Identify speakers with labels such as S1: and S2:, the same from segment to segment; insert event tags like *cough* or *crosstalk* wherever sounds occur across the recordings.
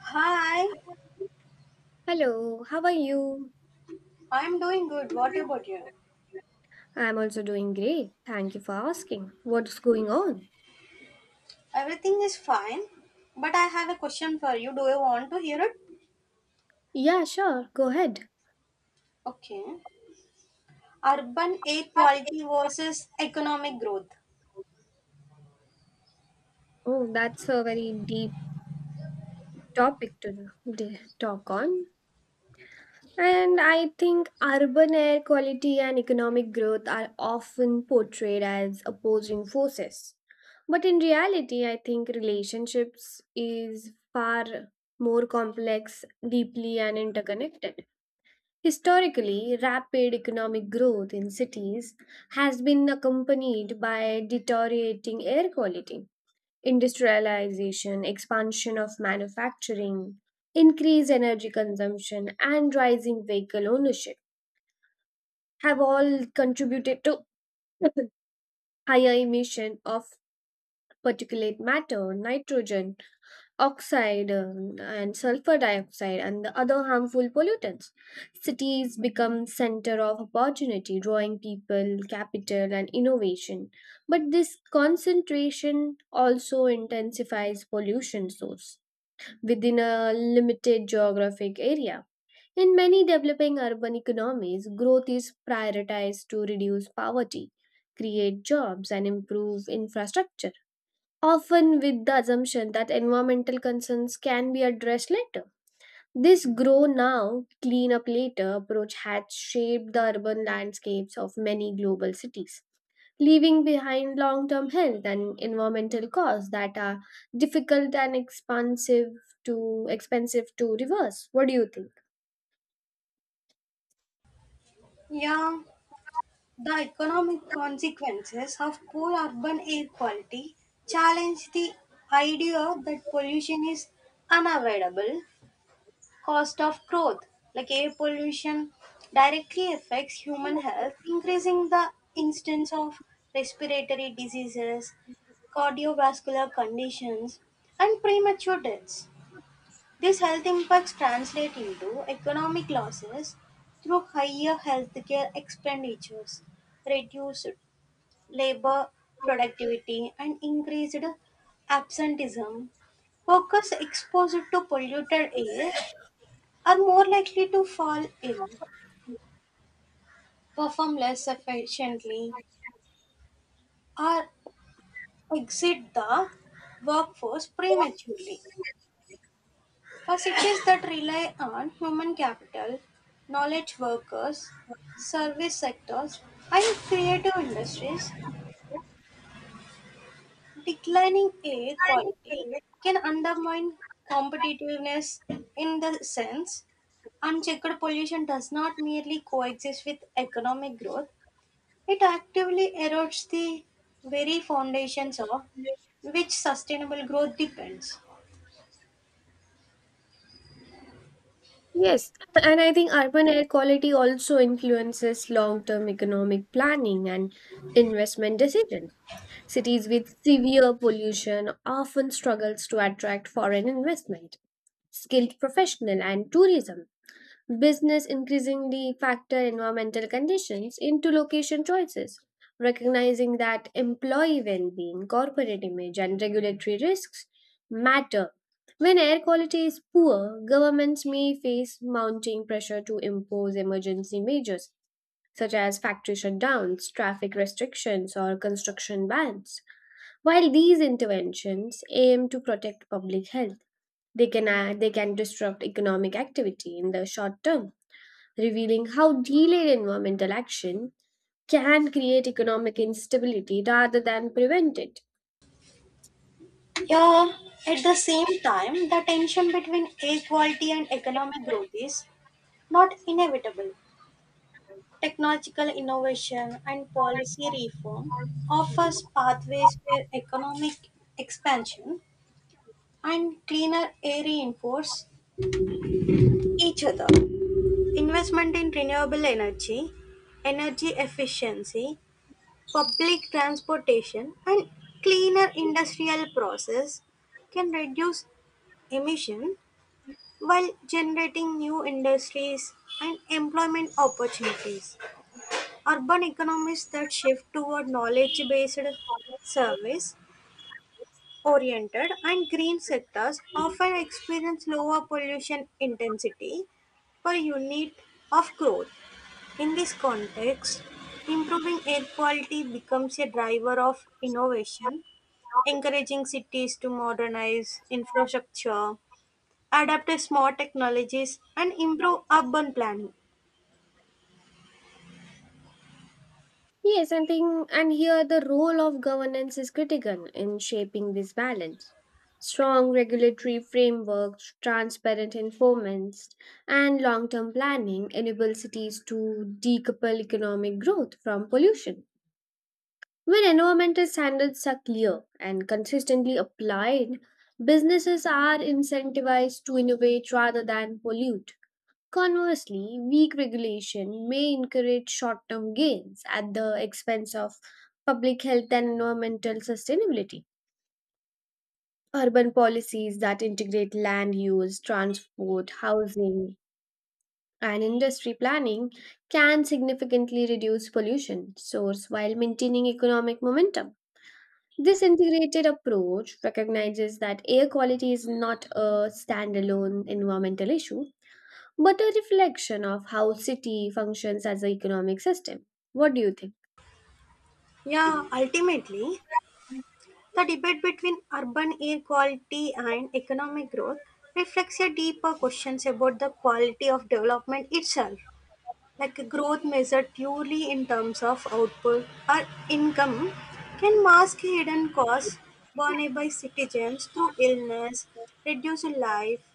S1: Hi,
S2: Hello, how are you?
S1: I'm doing good. What about you?
S2: I'm also doing great. Thank you for asking. What's going on?
S1: Everything is fine, but I have a question for you. Do you want to hear it?
S2: Yeah, sure. Go ahead.
S1: Okay. Urban air quality versus economic growth.
S2: Oh, that's a very deep topic to talk on. And I think urban air quality and economic growth are often portrayed as opposing forces. But in reality, I think relationships is far more complex, deeply, and interconnected. Historically, rapid economic growth in cities has been accompanied by deteriorating air quality, industrialization, expansion of manufacturing, increased energy consumption, and rising vehicle ownership have all contributed to *coughs* *laughs* higher emission of particulate matter, nitrogen, oxide, and sulfur dioxide and the other harmful pollutants. Cities become center of opportunity, drawing people, capital and innovation. But this concentration also intensifies pollution source within a limited geographic area. In many developing urban economies, growth is prioritized to reduce poverty, create jobs and improve infrastructure often with the assumption that environmental concerns can be addressed later. This grow now, clean up later approach had shaped the urban landscapes of many global cities, leaving behind long term health and environmental costs that are difficult and expensive to expensive to reverse. What do you think?
S1: Yeah, the economic consequences of poor urban air quality challenge the idea that pollution is unavoidable cost of growth, like air pollution, directly affects human health, increasing the instance of respiratory diseases, cardiovascular conditions, and premature deaths. These health impacts translate into economic losses through higher healthcare expenditures, reduced labor productivity, and increased absenteeism. Workers exposed to polluted air are more likely to fall ill, perform less efficiently, or exit the workforce prematurely. For cities that rely on human capital, knowledge workers, service sectors, and creative industries, declining air quality can undermine competitiveness in the sense. Unchecked pollution does not merely coexist with economic growth, it actively erodes the very foundations of which sustainable growth depends.
S2: Yes, and I think urban air quality also influences long term economic planning and investment decisions. Cities with severe pollution often struggles to attract foreign investment, skilled professional and tourism. Business increasingly factor environmental conditions into location choices, recognizing that employee well-being, corporate image, and regulatory risks matter. When air quality is poor, governments may face mounting pressure to impose emergency measures such as factory shutdowns, traffic restrictions, or construction bans. While these interventions aim to protect public health, they can disrupt economic activity in the short term, revealing how delayed environmental action can create economic instability rather than prevent it.
S1: Yeah, at the same time, the tension between equality and economic growth is not inevitable. Technological innovation and policy reform offers pathways where economic expansion and cleaner air reinforce each other. Investment in renewable energy, energy efficiency, public transportation and cleaner industrial process can reduce emission while generating new industries and employment opportunities. Urban economies that shift toward knowledge-based service oriented and green sectors often experience lower pollution intensity per unit of growth. In this context, improving air quality becomes a driver of innovation encouraging cities to modernize infrastructure, adapt to smart technologies, and improve urban planning.
S2: Yes, I think, and here the role of governance is critical in shaping this balance. Strong regulatory frameworks, transparent informants, and long term planning enable cities to decouple economic growth from pollution. When environmental standards are clear and consistently applied, businesses are incentivized to innovate rather than pollute. Conversely, weak regulation may encourage short term gains at the expense of public health and environmental sustainability. Urban policies that integrate land use, transport, housing, and industry planning can significantly reduce pollution source while maintaining economic momentum. This integrated approach recognizes that air quality is not a standalone environmental issue, but a reflection of how city functions as an economic system. What do you think?
S1: Yeah, ultimately, the debate between urban air quality and economic growth reflects a deeper questions about the quality of development itself. Like growth measured purely in terms of output or income can mask hidden costs borne by citizens through illness, reduced life,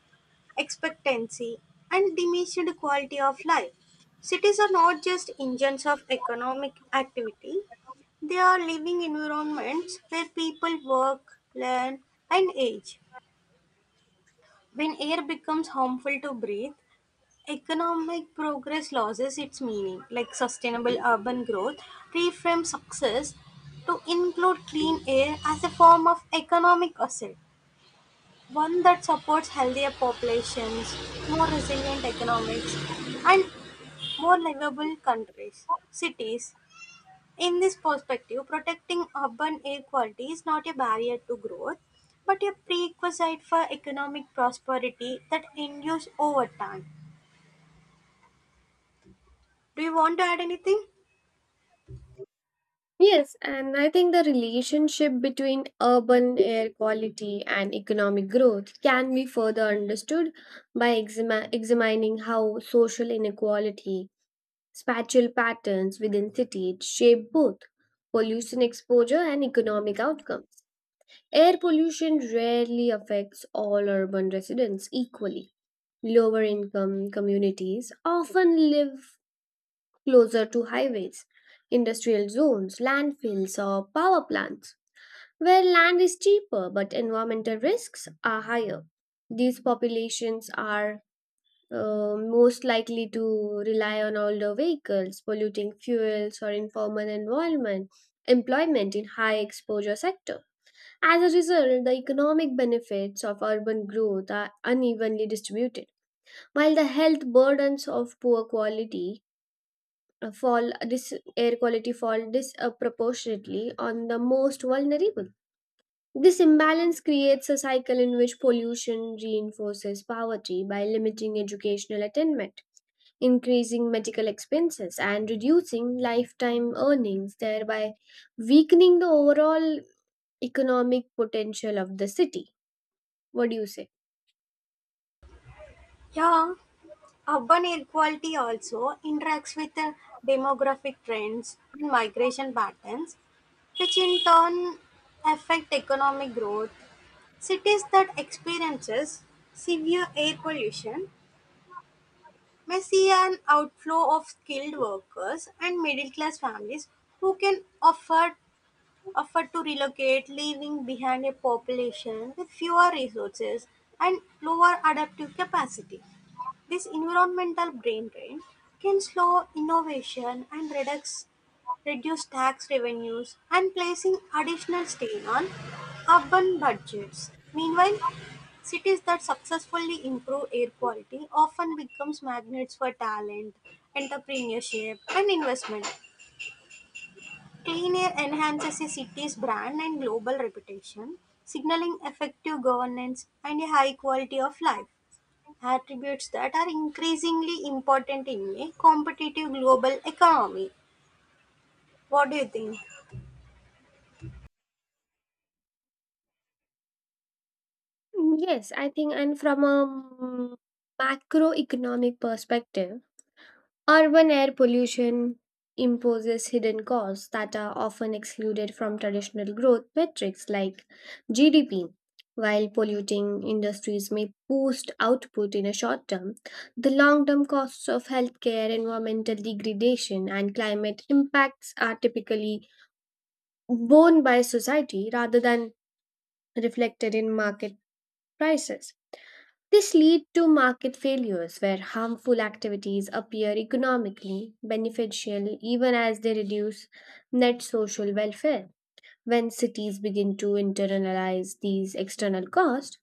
S1: expectancy, and diminished quality of life. Cities are not just engines of economic activity, they are living environments where people work, learn, and age. When air becomes harmful to breathe, economic progress loses its meaning, like sustainable urban growth reframes success to include clean air as a form of economic asset. One that supports healthier populations, more resilient economics, and more livable countries, cities. In this perspective, protecting urban air quality is not a barrier to growth, but a prerequisite for economic prosperity that endures over time. Do you want to add anything?
S2: Yes, and I think the relationship between urban air quality and economic growth can be further understood by examining how social inequality, spatial patterns within cities shape both pollution exposure and economic outcomes. Air pollution rarely affects all urban residents equally. Lower income communities often live closer to highways, industrial zones, landfills, or power plants, where land is cheaper but environmental risks are higher. These populations are most likely to rely on older vehicles, polluting fuels, or informal environment, employment in high exposure sectors. As a result, the economic benefits of urban growth are unevenly distributed, while the health burdens of poor quality fall dis- air quality fall disproportionately on the most vulnerable. This imbalance creates a cycle in which pollution reinforces poverty by limiting educational attainment, increasing medical expenses, and reducing lifetime earnings, thereby weakening the overall economic potential of the city. What do you say?
S1: Yeah, urban inequality also interacts with the demographic trends and migration patterns, which in turn affect economic growth. Cities that experiences severe air pollution may see an outflow of skilled workers and middle class families who can afford to relocate, leaving behind a population with fewer resources and lower adaptive capacity. This environmental brain drain can slow innovation and reduce tax revenues and placing additional strain on urban budgets. Meanwhile, cities that successfully improve air quality often becomes magnets for talent, entrepreneurship and investment. Clean air enhances a city's brand and global reputation, signaling effective governance and a high quality of life. Attributes that are increasingly important in a competitive global economy. What do you think?
S2: Yes, I think, and from a mm, macroeconomic perspective, urban air pollution imposes hidden costs that are often excluded from traditional growth metrics like GDP. While polluting industries may boost output in a short term, the long term costs of healthcare, environmental degradation, and climate impacts are typically borne by society rather than reflected in market prices. This lead to market failures where harmful activities appear economically beneficial even as they reduce net social welfare. When cities begin to internalize these external costs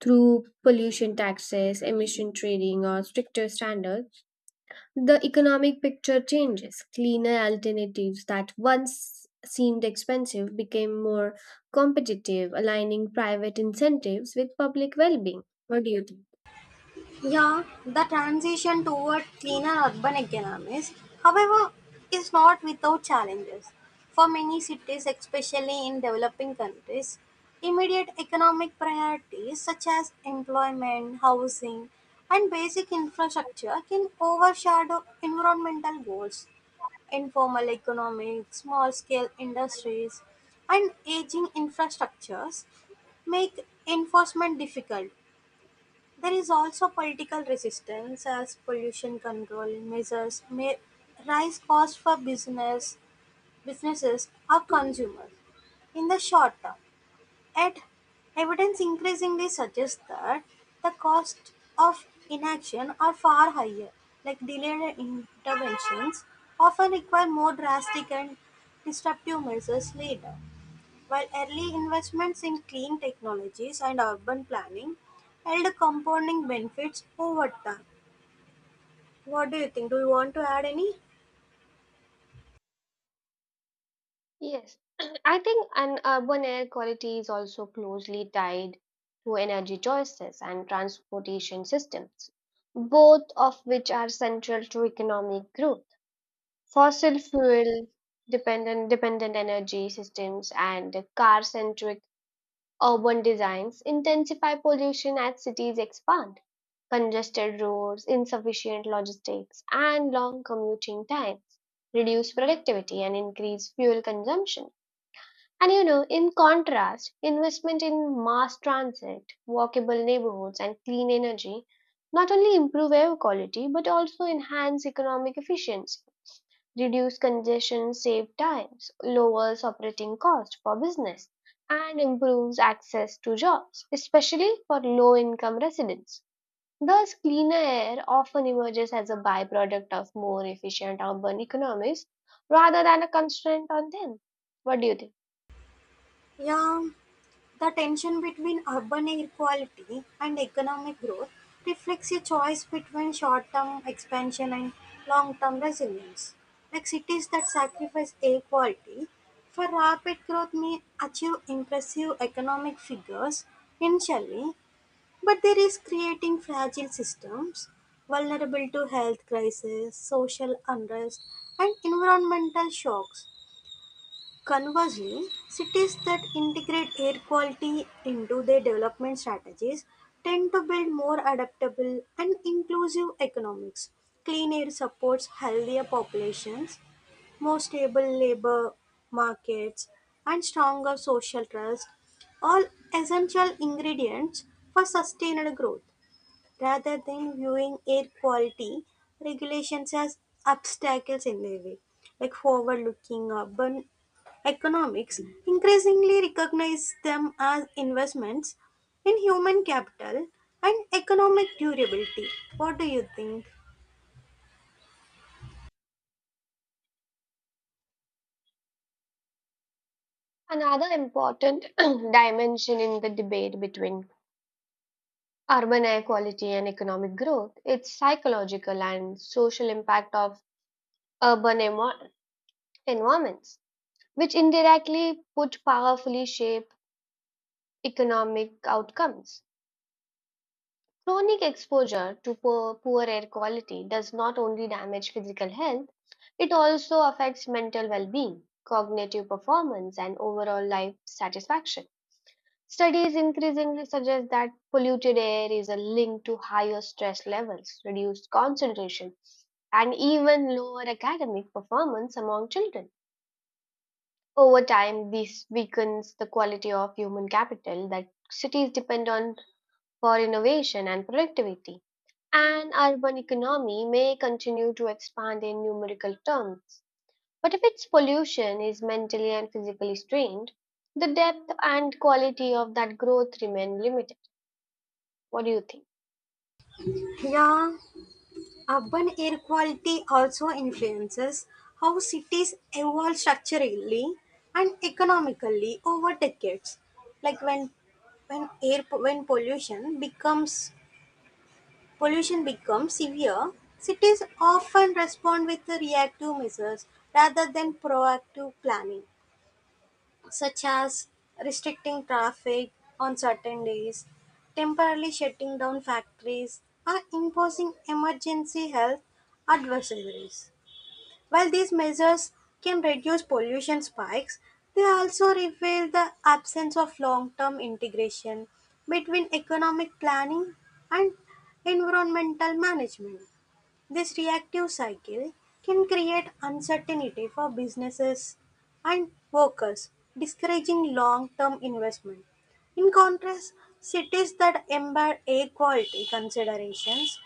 S2: through pollution taxes, emission trading or stricter standards, the economic picture changes. Cleaner alternatives that once seemed expensive became more competitive, aligning private incentives with public well-being. What do you think?
S1: Yeah, the transition toward cleaner urban economies, however, is not without challenges. For many cities, especially in developing countries, immediate economic priorities such as employment, housing, and basic infrastructure can overshadow environmental goals. Informal economy, small-scale industries, and aging infrastructures make enforcement difficult. There is also political resistance as pollution control measures may raise costs for businesses or consumers in the short term. Yet, evidence increasingly suggests that the costs of inaction are far higher, like delayed interventions often require more drastic and disruptive measures later. While early investments in clean technologies and urban planning held compounding benefits over time. What do you think? Do you want to add any?
S2: Yes, *clears throat* I think an urban air quality is also closely tied to energy choices and transportation systems, both of which are central to economic growth. Fossil fuel dependent energy systems and car centric urban designs intensify pollution as cities expand. Congested roads, insufficient logistics, and long commuting times reduce productivity and increase fuel consumption. And you know, in contrast, investment in mass transit, walkable neighborhoods, and clean energy not only improve air quality but also enhance economic efficiency, reduce congestion, save times, lowers operating costs for business, and improves access to jobs, especially for low income residents. Thus, cleaner air often emerges as a byproduct of more efficient urban economies rather than a constraint on them. What do you think?
S1: Yeah, the tension between urban inequality and economic growth reflects a choice between short term expansion and long term resilience. Like cities that sacrifice air quality for rapid growth may achieve impressive economic figures initially, but there is creating fragile systems vulnerable to health crises, social unrest, and environmental shocks. Conversely, cities that integrate air quality into their development strategies tend to build more adaptable and inclusive economics. Clean air supports healthier populations, more stable labor markets, and stronger social trust, all essential ingredients for sustained growth. Rather than viewing air quality regulations as obstacles in their way, like forward-looking urban economics increasingly recognize them as investments in human capital and economic durability. What do you think?
S2: Another important *clears throat* dimension in the debate between urban air quality and economic growth is psychological and social impact of urban envi- environments, which indirectly put powerfully shape economic outcomes. Chronic exposure to poor air quality does not only damage physical health, it also affects mental well being, cognitive performance, and overall life satisfaction. Studies increasingly suggest that polluted air is a link to higher stress levels, reduced concentration, and even lower academic performance among children. Over time, this weakens the quality of human capital that cities depend on for innovation and productivity. An urban economy may continue to expand in numerical terms, but if its pollution is mentally and physically strained, the depth and quality of that growth remain limited. What do you think?
S1: Yeah, urban air quality also influences how cities evolve structurally and economically over decades. Like when pollution becomes severe, cities often respond with reactive measures rather than proactive planning such as restricting traffic on certain days, temporarily shutting down factories, or imposing emergency health advisories. While these measures can reduce pollution spikes, they also reveal the absence of long term integration between economic planning and environmental management. This reactive cycle can create uncertainty for businesses and workers, discouraging long term investment. In contrast, cities that embed air quality considerations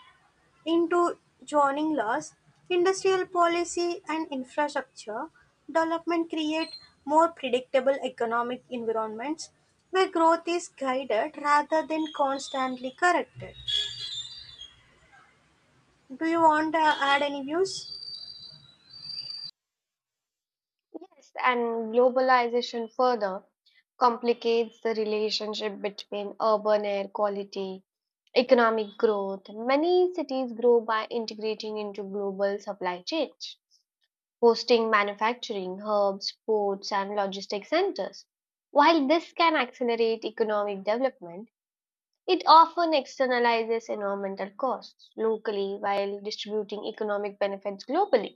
S1: into zoning laws, industrial policy, and infrastructure development create more predictable economic environments where growth is guided rather than constantly corrected. Do you want to add any views?
S2: Yes, and globalization further complicates the relationship between urban air quality, economic growth. Many cities grow by integrating into global supply chains, hosting manufacturing hubs, ports, and logistic centers. While this can accelerate economic development, it often externalizes environmental costs locally while distributing economic benefits globally.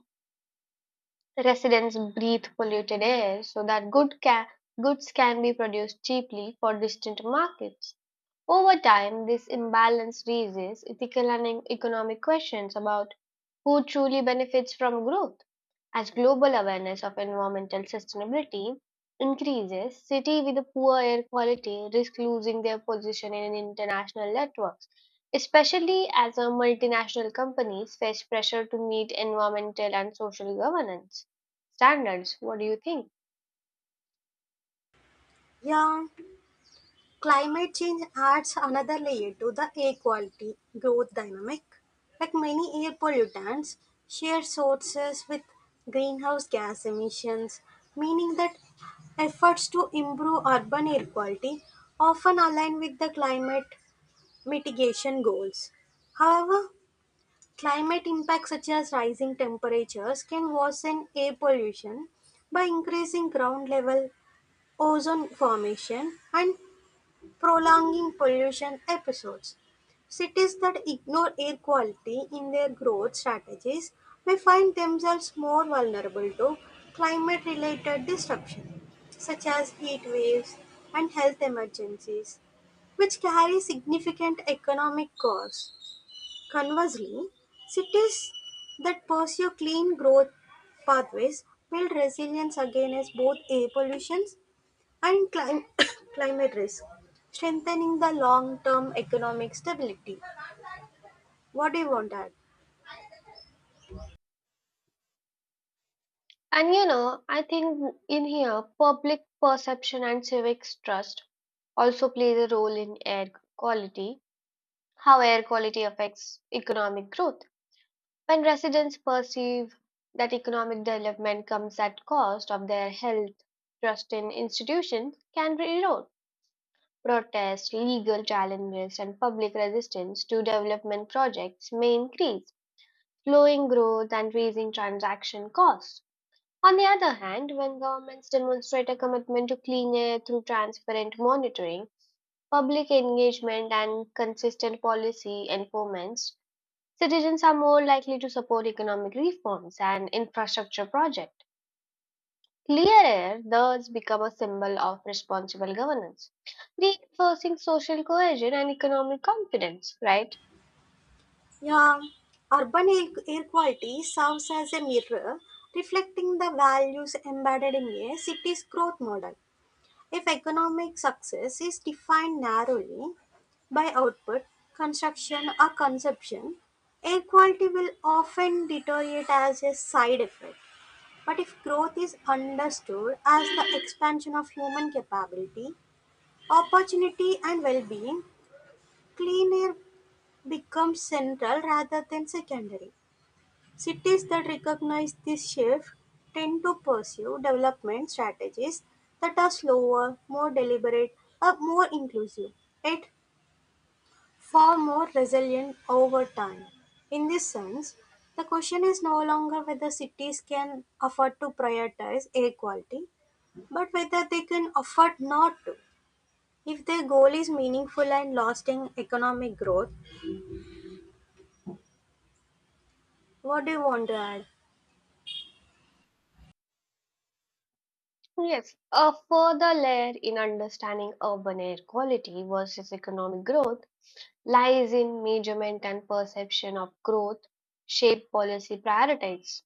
S2: Residents breathe polluted air so that goods can be produced cheaply for distant markets. Over time, this imbalance raises ethical and economic questions about who truly benefits from growth. As global awareness of environmental sustainability increases, cities with poor air quality risk losing their position in international networks, especially as multinational companies face pressure to meet environmental and social governance standards. What do you think?
S1: Yeah. Climate change adds another layer to the air quality growth dynamic. Like many air pollutants, share sources with greenhouse gas emissions, meaning that efforts to improve urban air quality often align with the climate mitigation goals. However, climate impacts such as rising temperatures can worsen air pollution by increasing ground level ozone formation and prolonging pollution episodes. Cities that ignore air quality in their growth strategies may find themselves more vulnerable to climate-related disruption, such as heat waves and health emergencies, which carry significant economic costs. Conversely, cities that pursue clean growth pathways build resilience against both air pollution and *coughs* climate risk, strengthening the long term economic stability. What do you want that?
S2: And you know, I think in here, public perception and civics trust also plays a role in air quality, how air quality affects economic growth. When residents perceive that economic development comes at cost of their health, trust in institutions can erode. Protests, legal challenges, and public resistance to development projects may increase, slowing growth and raising transaction costs. On the other hand, when governments demonstrate a commitment to clean air through transparent monitoring, public engagement, and consistent policy enforcements, citizens are more likely to support economic reforms and infrastructure projects. Clear air thus become a symbol of responsible governance, reinforcing social cohesion and economic confidence, right?
S1: Yeah, urban air, air quality serves as a mirror reflecting the values embedded in a city's growth model. If economic success is defined narrowly by output, construction, or consumption, air quality will often deteriorate as a side effect. But if growth is understood as the expansion of human capability, opportunity, and well being, clean air becomes central rather than secondary. Cities that recognize this shift tend to pursue development strategies that are slower, more deliberate, or more inclusive. Yet far more resilient over time. In this sense, the question is no longer whether cities can afford to prioritize air quality, but whether they can afford not to. If their goal is meaningful and lasting economic growth, what do you want to add?
S2: Yes, a further layer in understanding urban air quality versus economic growth lies in measurement and perception of growth shape policy priorities.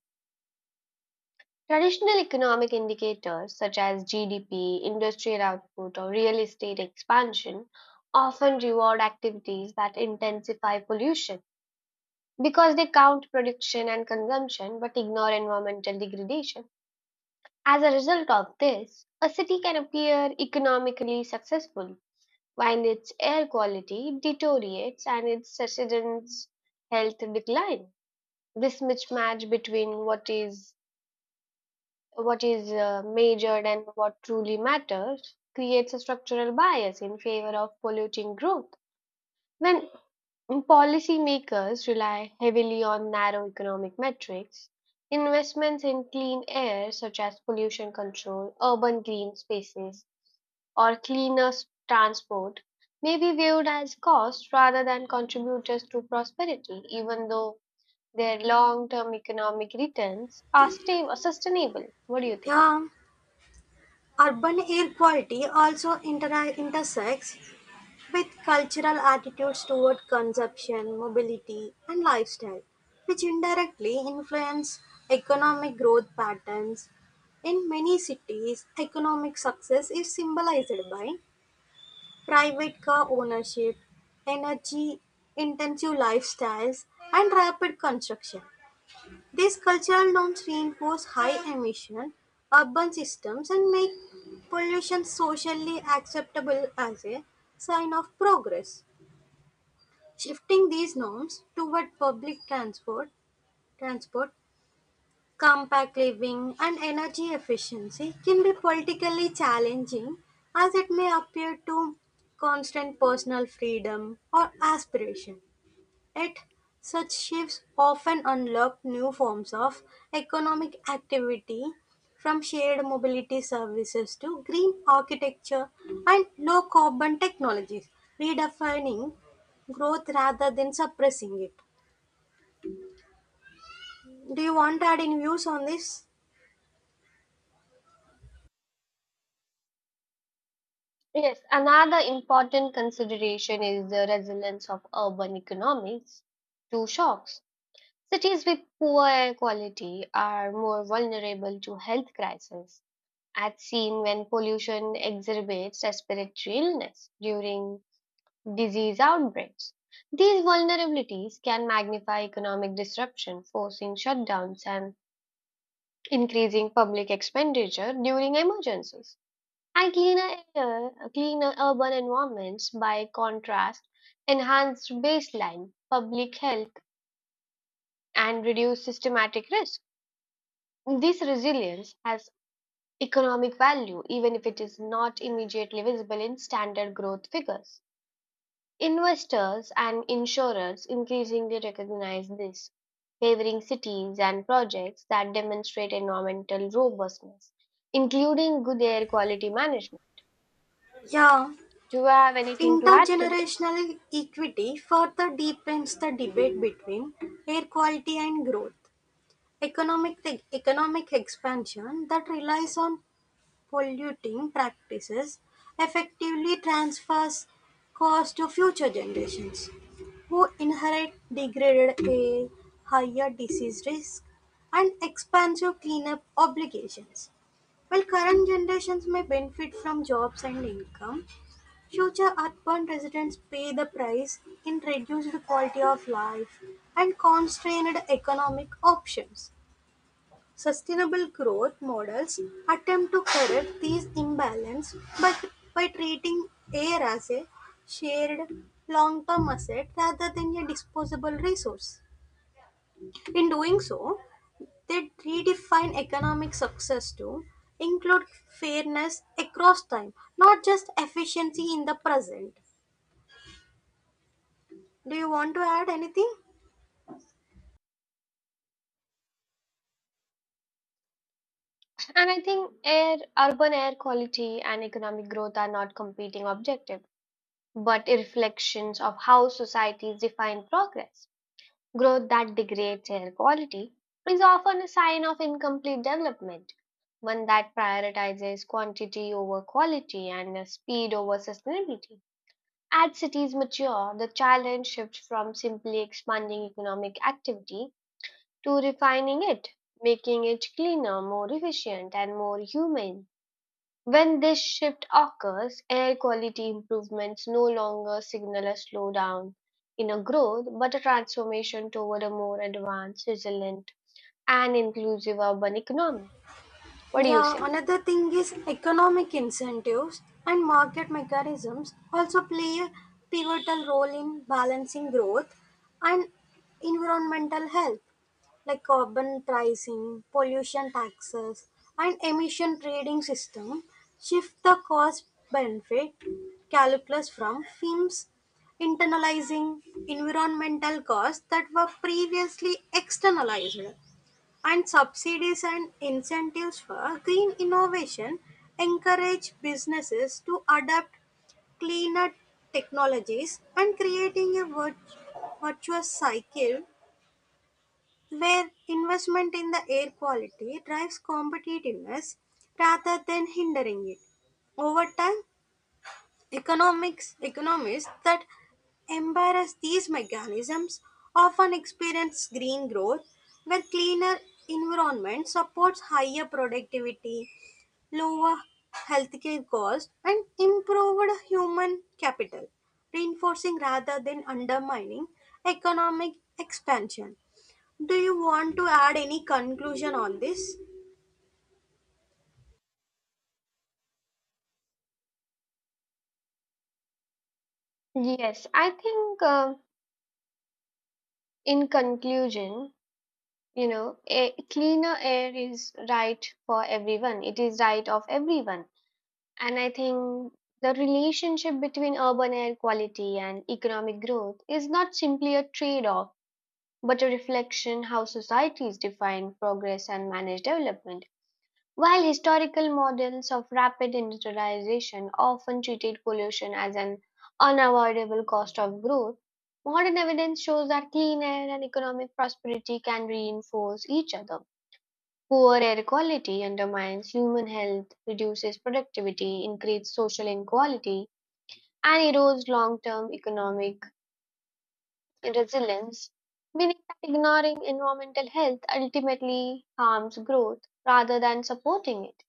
S2: Traditional economic indicators such as GDP, industrial output, or real estate expansion often reward activities that intensify pollution because they count production and consumption but ignore environmental degradation. As a result of this, a city can appear economically successful while its air quality deteriorates and its residents' health decline. This mismatch between what is measured and what truly matters creates a structural bias in favor of polluting growth. When policymakers rely heavily on narrow economic metrics, investments in clean air, such as pollution control, urban green spaces, or transport, may be viewed as costs rather than contributors to prosperity, even though their long-term economic returns are stable, sustainable. What do you think?
S1: Yeah, urban air quality also intersects with cultural attitudes toward consumption, mobility, and lifestyle, which indirectly influence economic growth patterns. In many cities, economic success is symbolized by private car ownership, energy intensive lifestyles, and rapid construction. These cultural norms reinforce high emission urban systems and make pollution socially acceptable as a sign of progress. Shifting these norms toward public transport, compact living and energy efficiency can be politically challenging as it may appear to constant personal freedom or aspiration. Yet, such shifts often unlock new forms of economic activity, from shared mobility services to green architecture and low carbon technologies, redefining growth rather than suppressing it. Do you want to add any views on this?
S2: Yes, another important consideration is the resilience of urban economies to shocks. Cities with poor air quality are more vulnerable to health crises, as seen when pollution exacerbates respiratory illness during disease outbreaks. These vulnerabilities can magnify economic disruption, forcing shutdowns and increasing public expenditure during emergencies. And cleaner urban environments, by contrast, enhance baseline public health and reduce systematic risk. This resilience has economic value even if it is not immediately visible in standard growth figures. Investors and insurers increasingly recognize this, favoring cities and projects that demonstrate environmental robustness, including good air quality management.
S1: Yeah,
S2: Do you have anything to add to this?
S1: intergenerational equity further deepens the debate between air quality and growth. Economic economic expansion that relies on polluting practices effectively transfers cost to future generations, who inherit degraded air, higher disease risk, and expansive cleanup obligations. While current generations may benefit from jobs and income, future urban residents pay the price in reduced quality of life and constrained economic options. Sustainable growth models attempt to correct these imbalances by treating air as a shared long-term asset rather than a disposable resource. In doing so, they redefine economic success to include fairness across time, not just efficiency in the present. Do you want to add anything?
S2: And I think urban air quality and economic growth are not competing objectives, but reflections of how societies define progress. Growth that degrades air quality is often a sign of incomplete development, one that prioritizes quantity over quality and speed over sustainability. As cities mature, the challenge shifts from simply expanding economic activity to refining it, making it cleaner, more efficient, and more humane. When this shift occurs, air quality improvements no longer signal a slowdown in a growth, but a transformation toward a more advanced, resilient, and inclusive urban economy. What do you
S1: Yeah,
S2: say?
S1: another thing is economic incentives and market mechanisms also play a pivotal role in balancing growth and environmental health, like carbon pricing, pollution taxes, and emission trading system shift the cost benefit calculus from firms internalizing environmental costs that were previously externalized. And subsidies and incentives for green innovation encourage businesses to adapt cleaner technologies and creating a virtuous cycle where investment in the air quality drives competitiveness rather than hindering it. Over time, Economics economists that embrace these mechanisms often experience green growth where cleaner environment supports higher productivity, lower healthcare costs and improved human capital, reinforcing rather than undermining economic expansion. Do you want to add any conclusion on this?
S2: Yes, I think in conclusion, you know, a cleaner air is right for everyone. It is right of everyone. And I think the relationship between urban air quality and economic growth is not simply a trade-off, but a reflection how societies define progress and manage development. While historical models of rapid industrialization often treated pollution as an unavoidable cost of growth, modern evidence shows that clean air and economic prosperity can reinforce each other. Poor air quality undermines human health, reduces productivity, increases social inequality, and erodes long term economic resilience, meaning that ignoring environmental health ultimately harms growth rather than supporting it.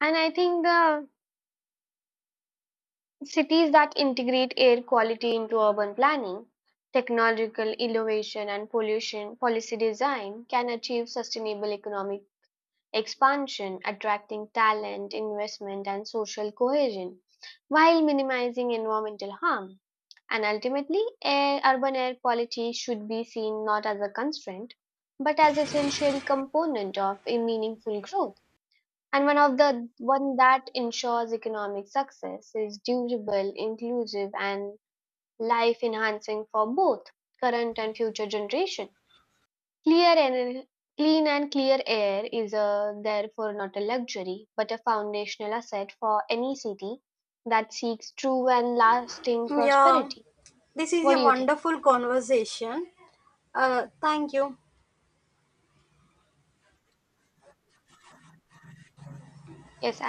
S2: And I think the cities that integrate air quality into urban planning, technological innovation, and pollution policy design can achieve sustainable economic expansion, attracting talent, investment, and social cohesion, while minimizing environmental harm. And ultimately, urban air quality should be seen not as a constraint, but as essential component of a meaningful growth. And one of the one that ensures economic success is durable, inclusive, and life enhancing for both current and future generation. Clear and clean and clear air is therefore not a luxury, but a foundational asset for any city that seeks true and lasting
S1: Yeah,
S2: prosperity.
S1: this is
S2: What
S1: a
S2: do you think?
S1: wonderful conversation. Thank you.
S2: Yes, I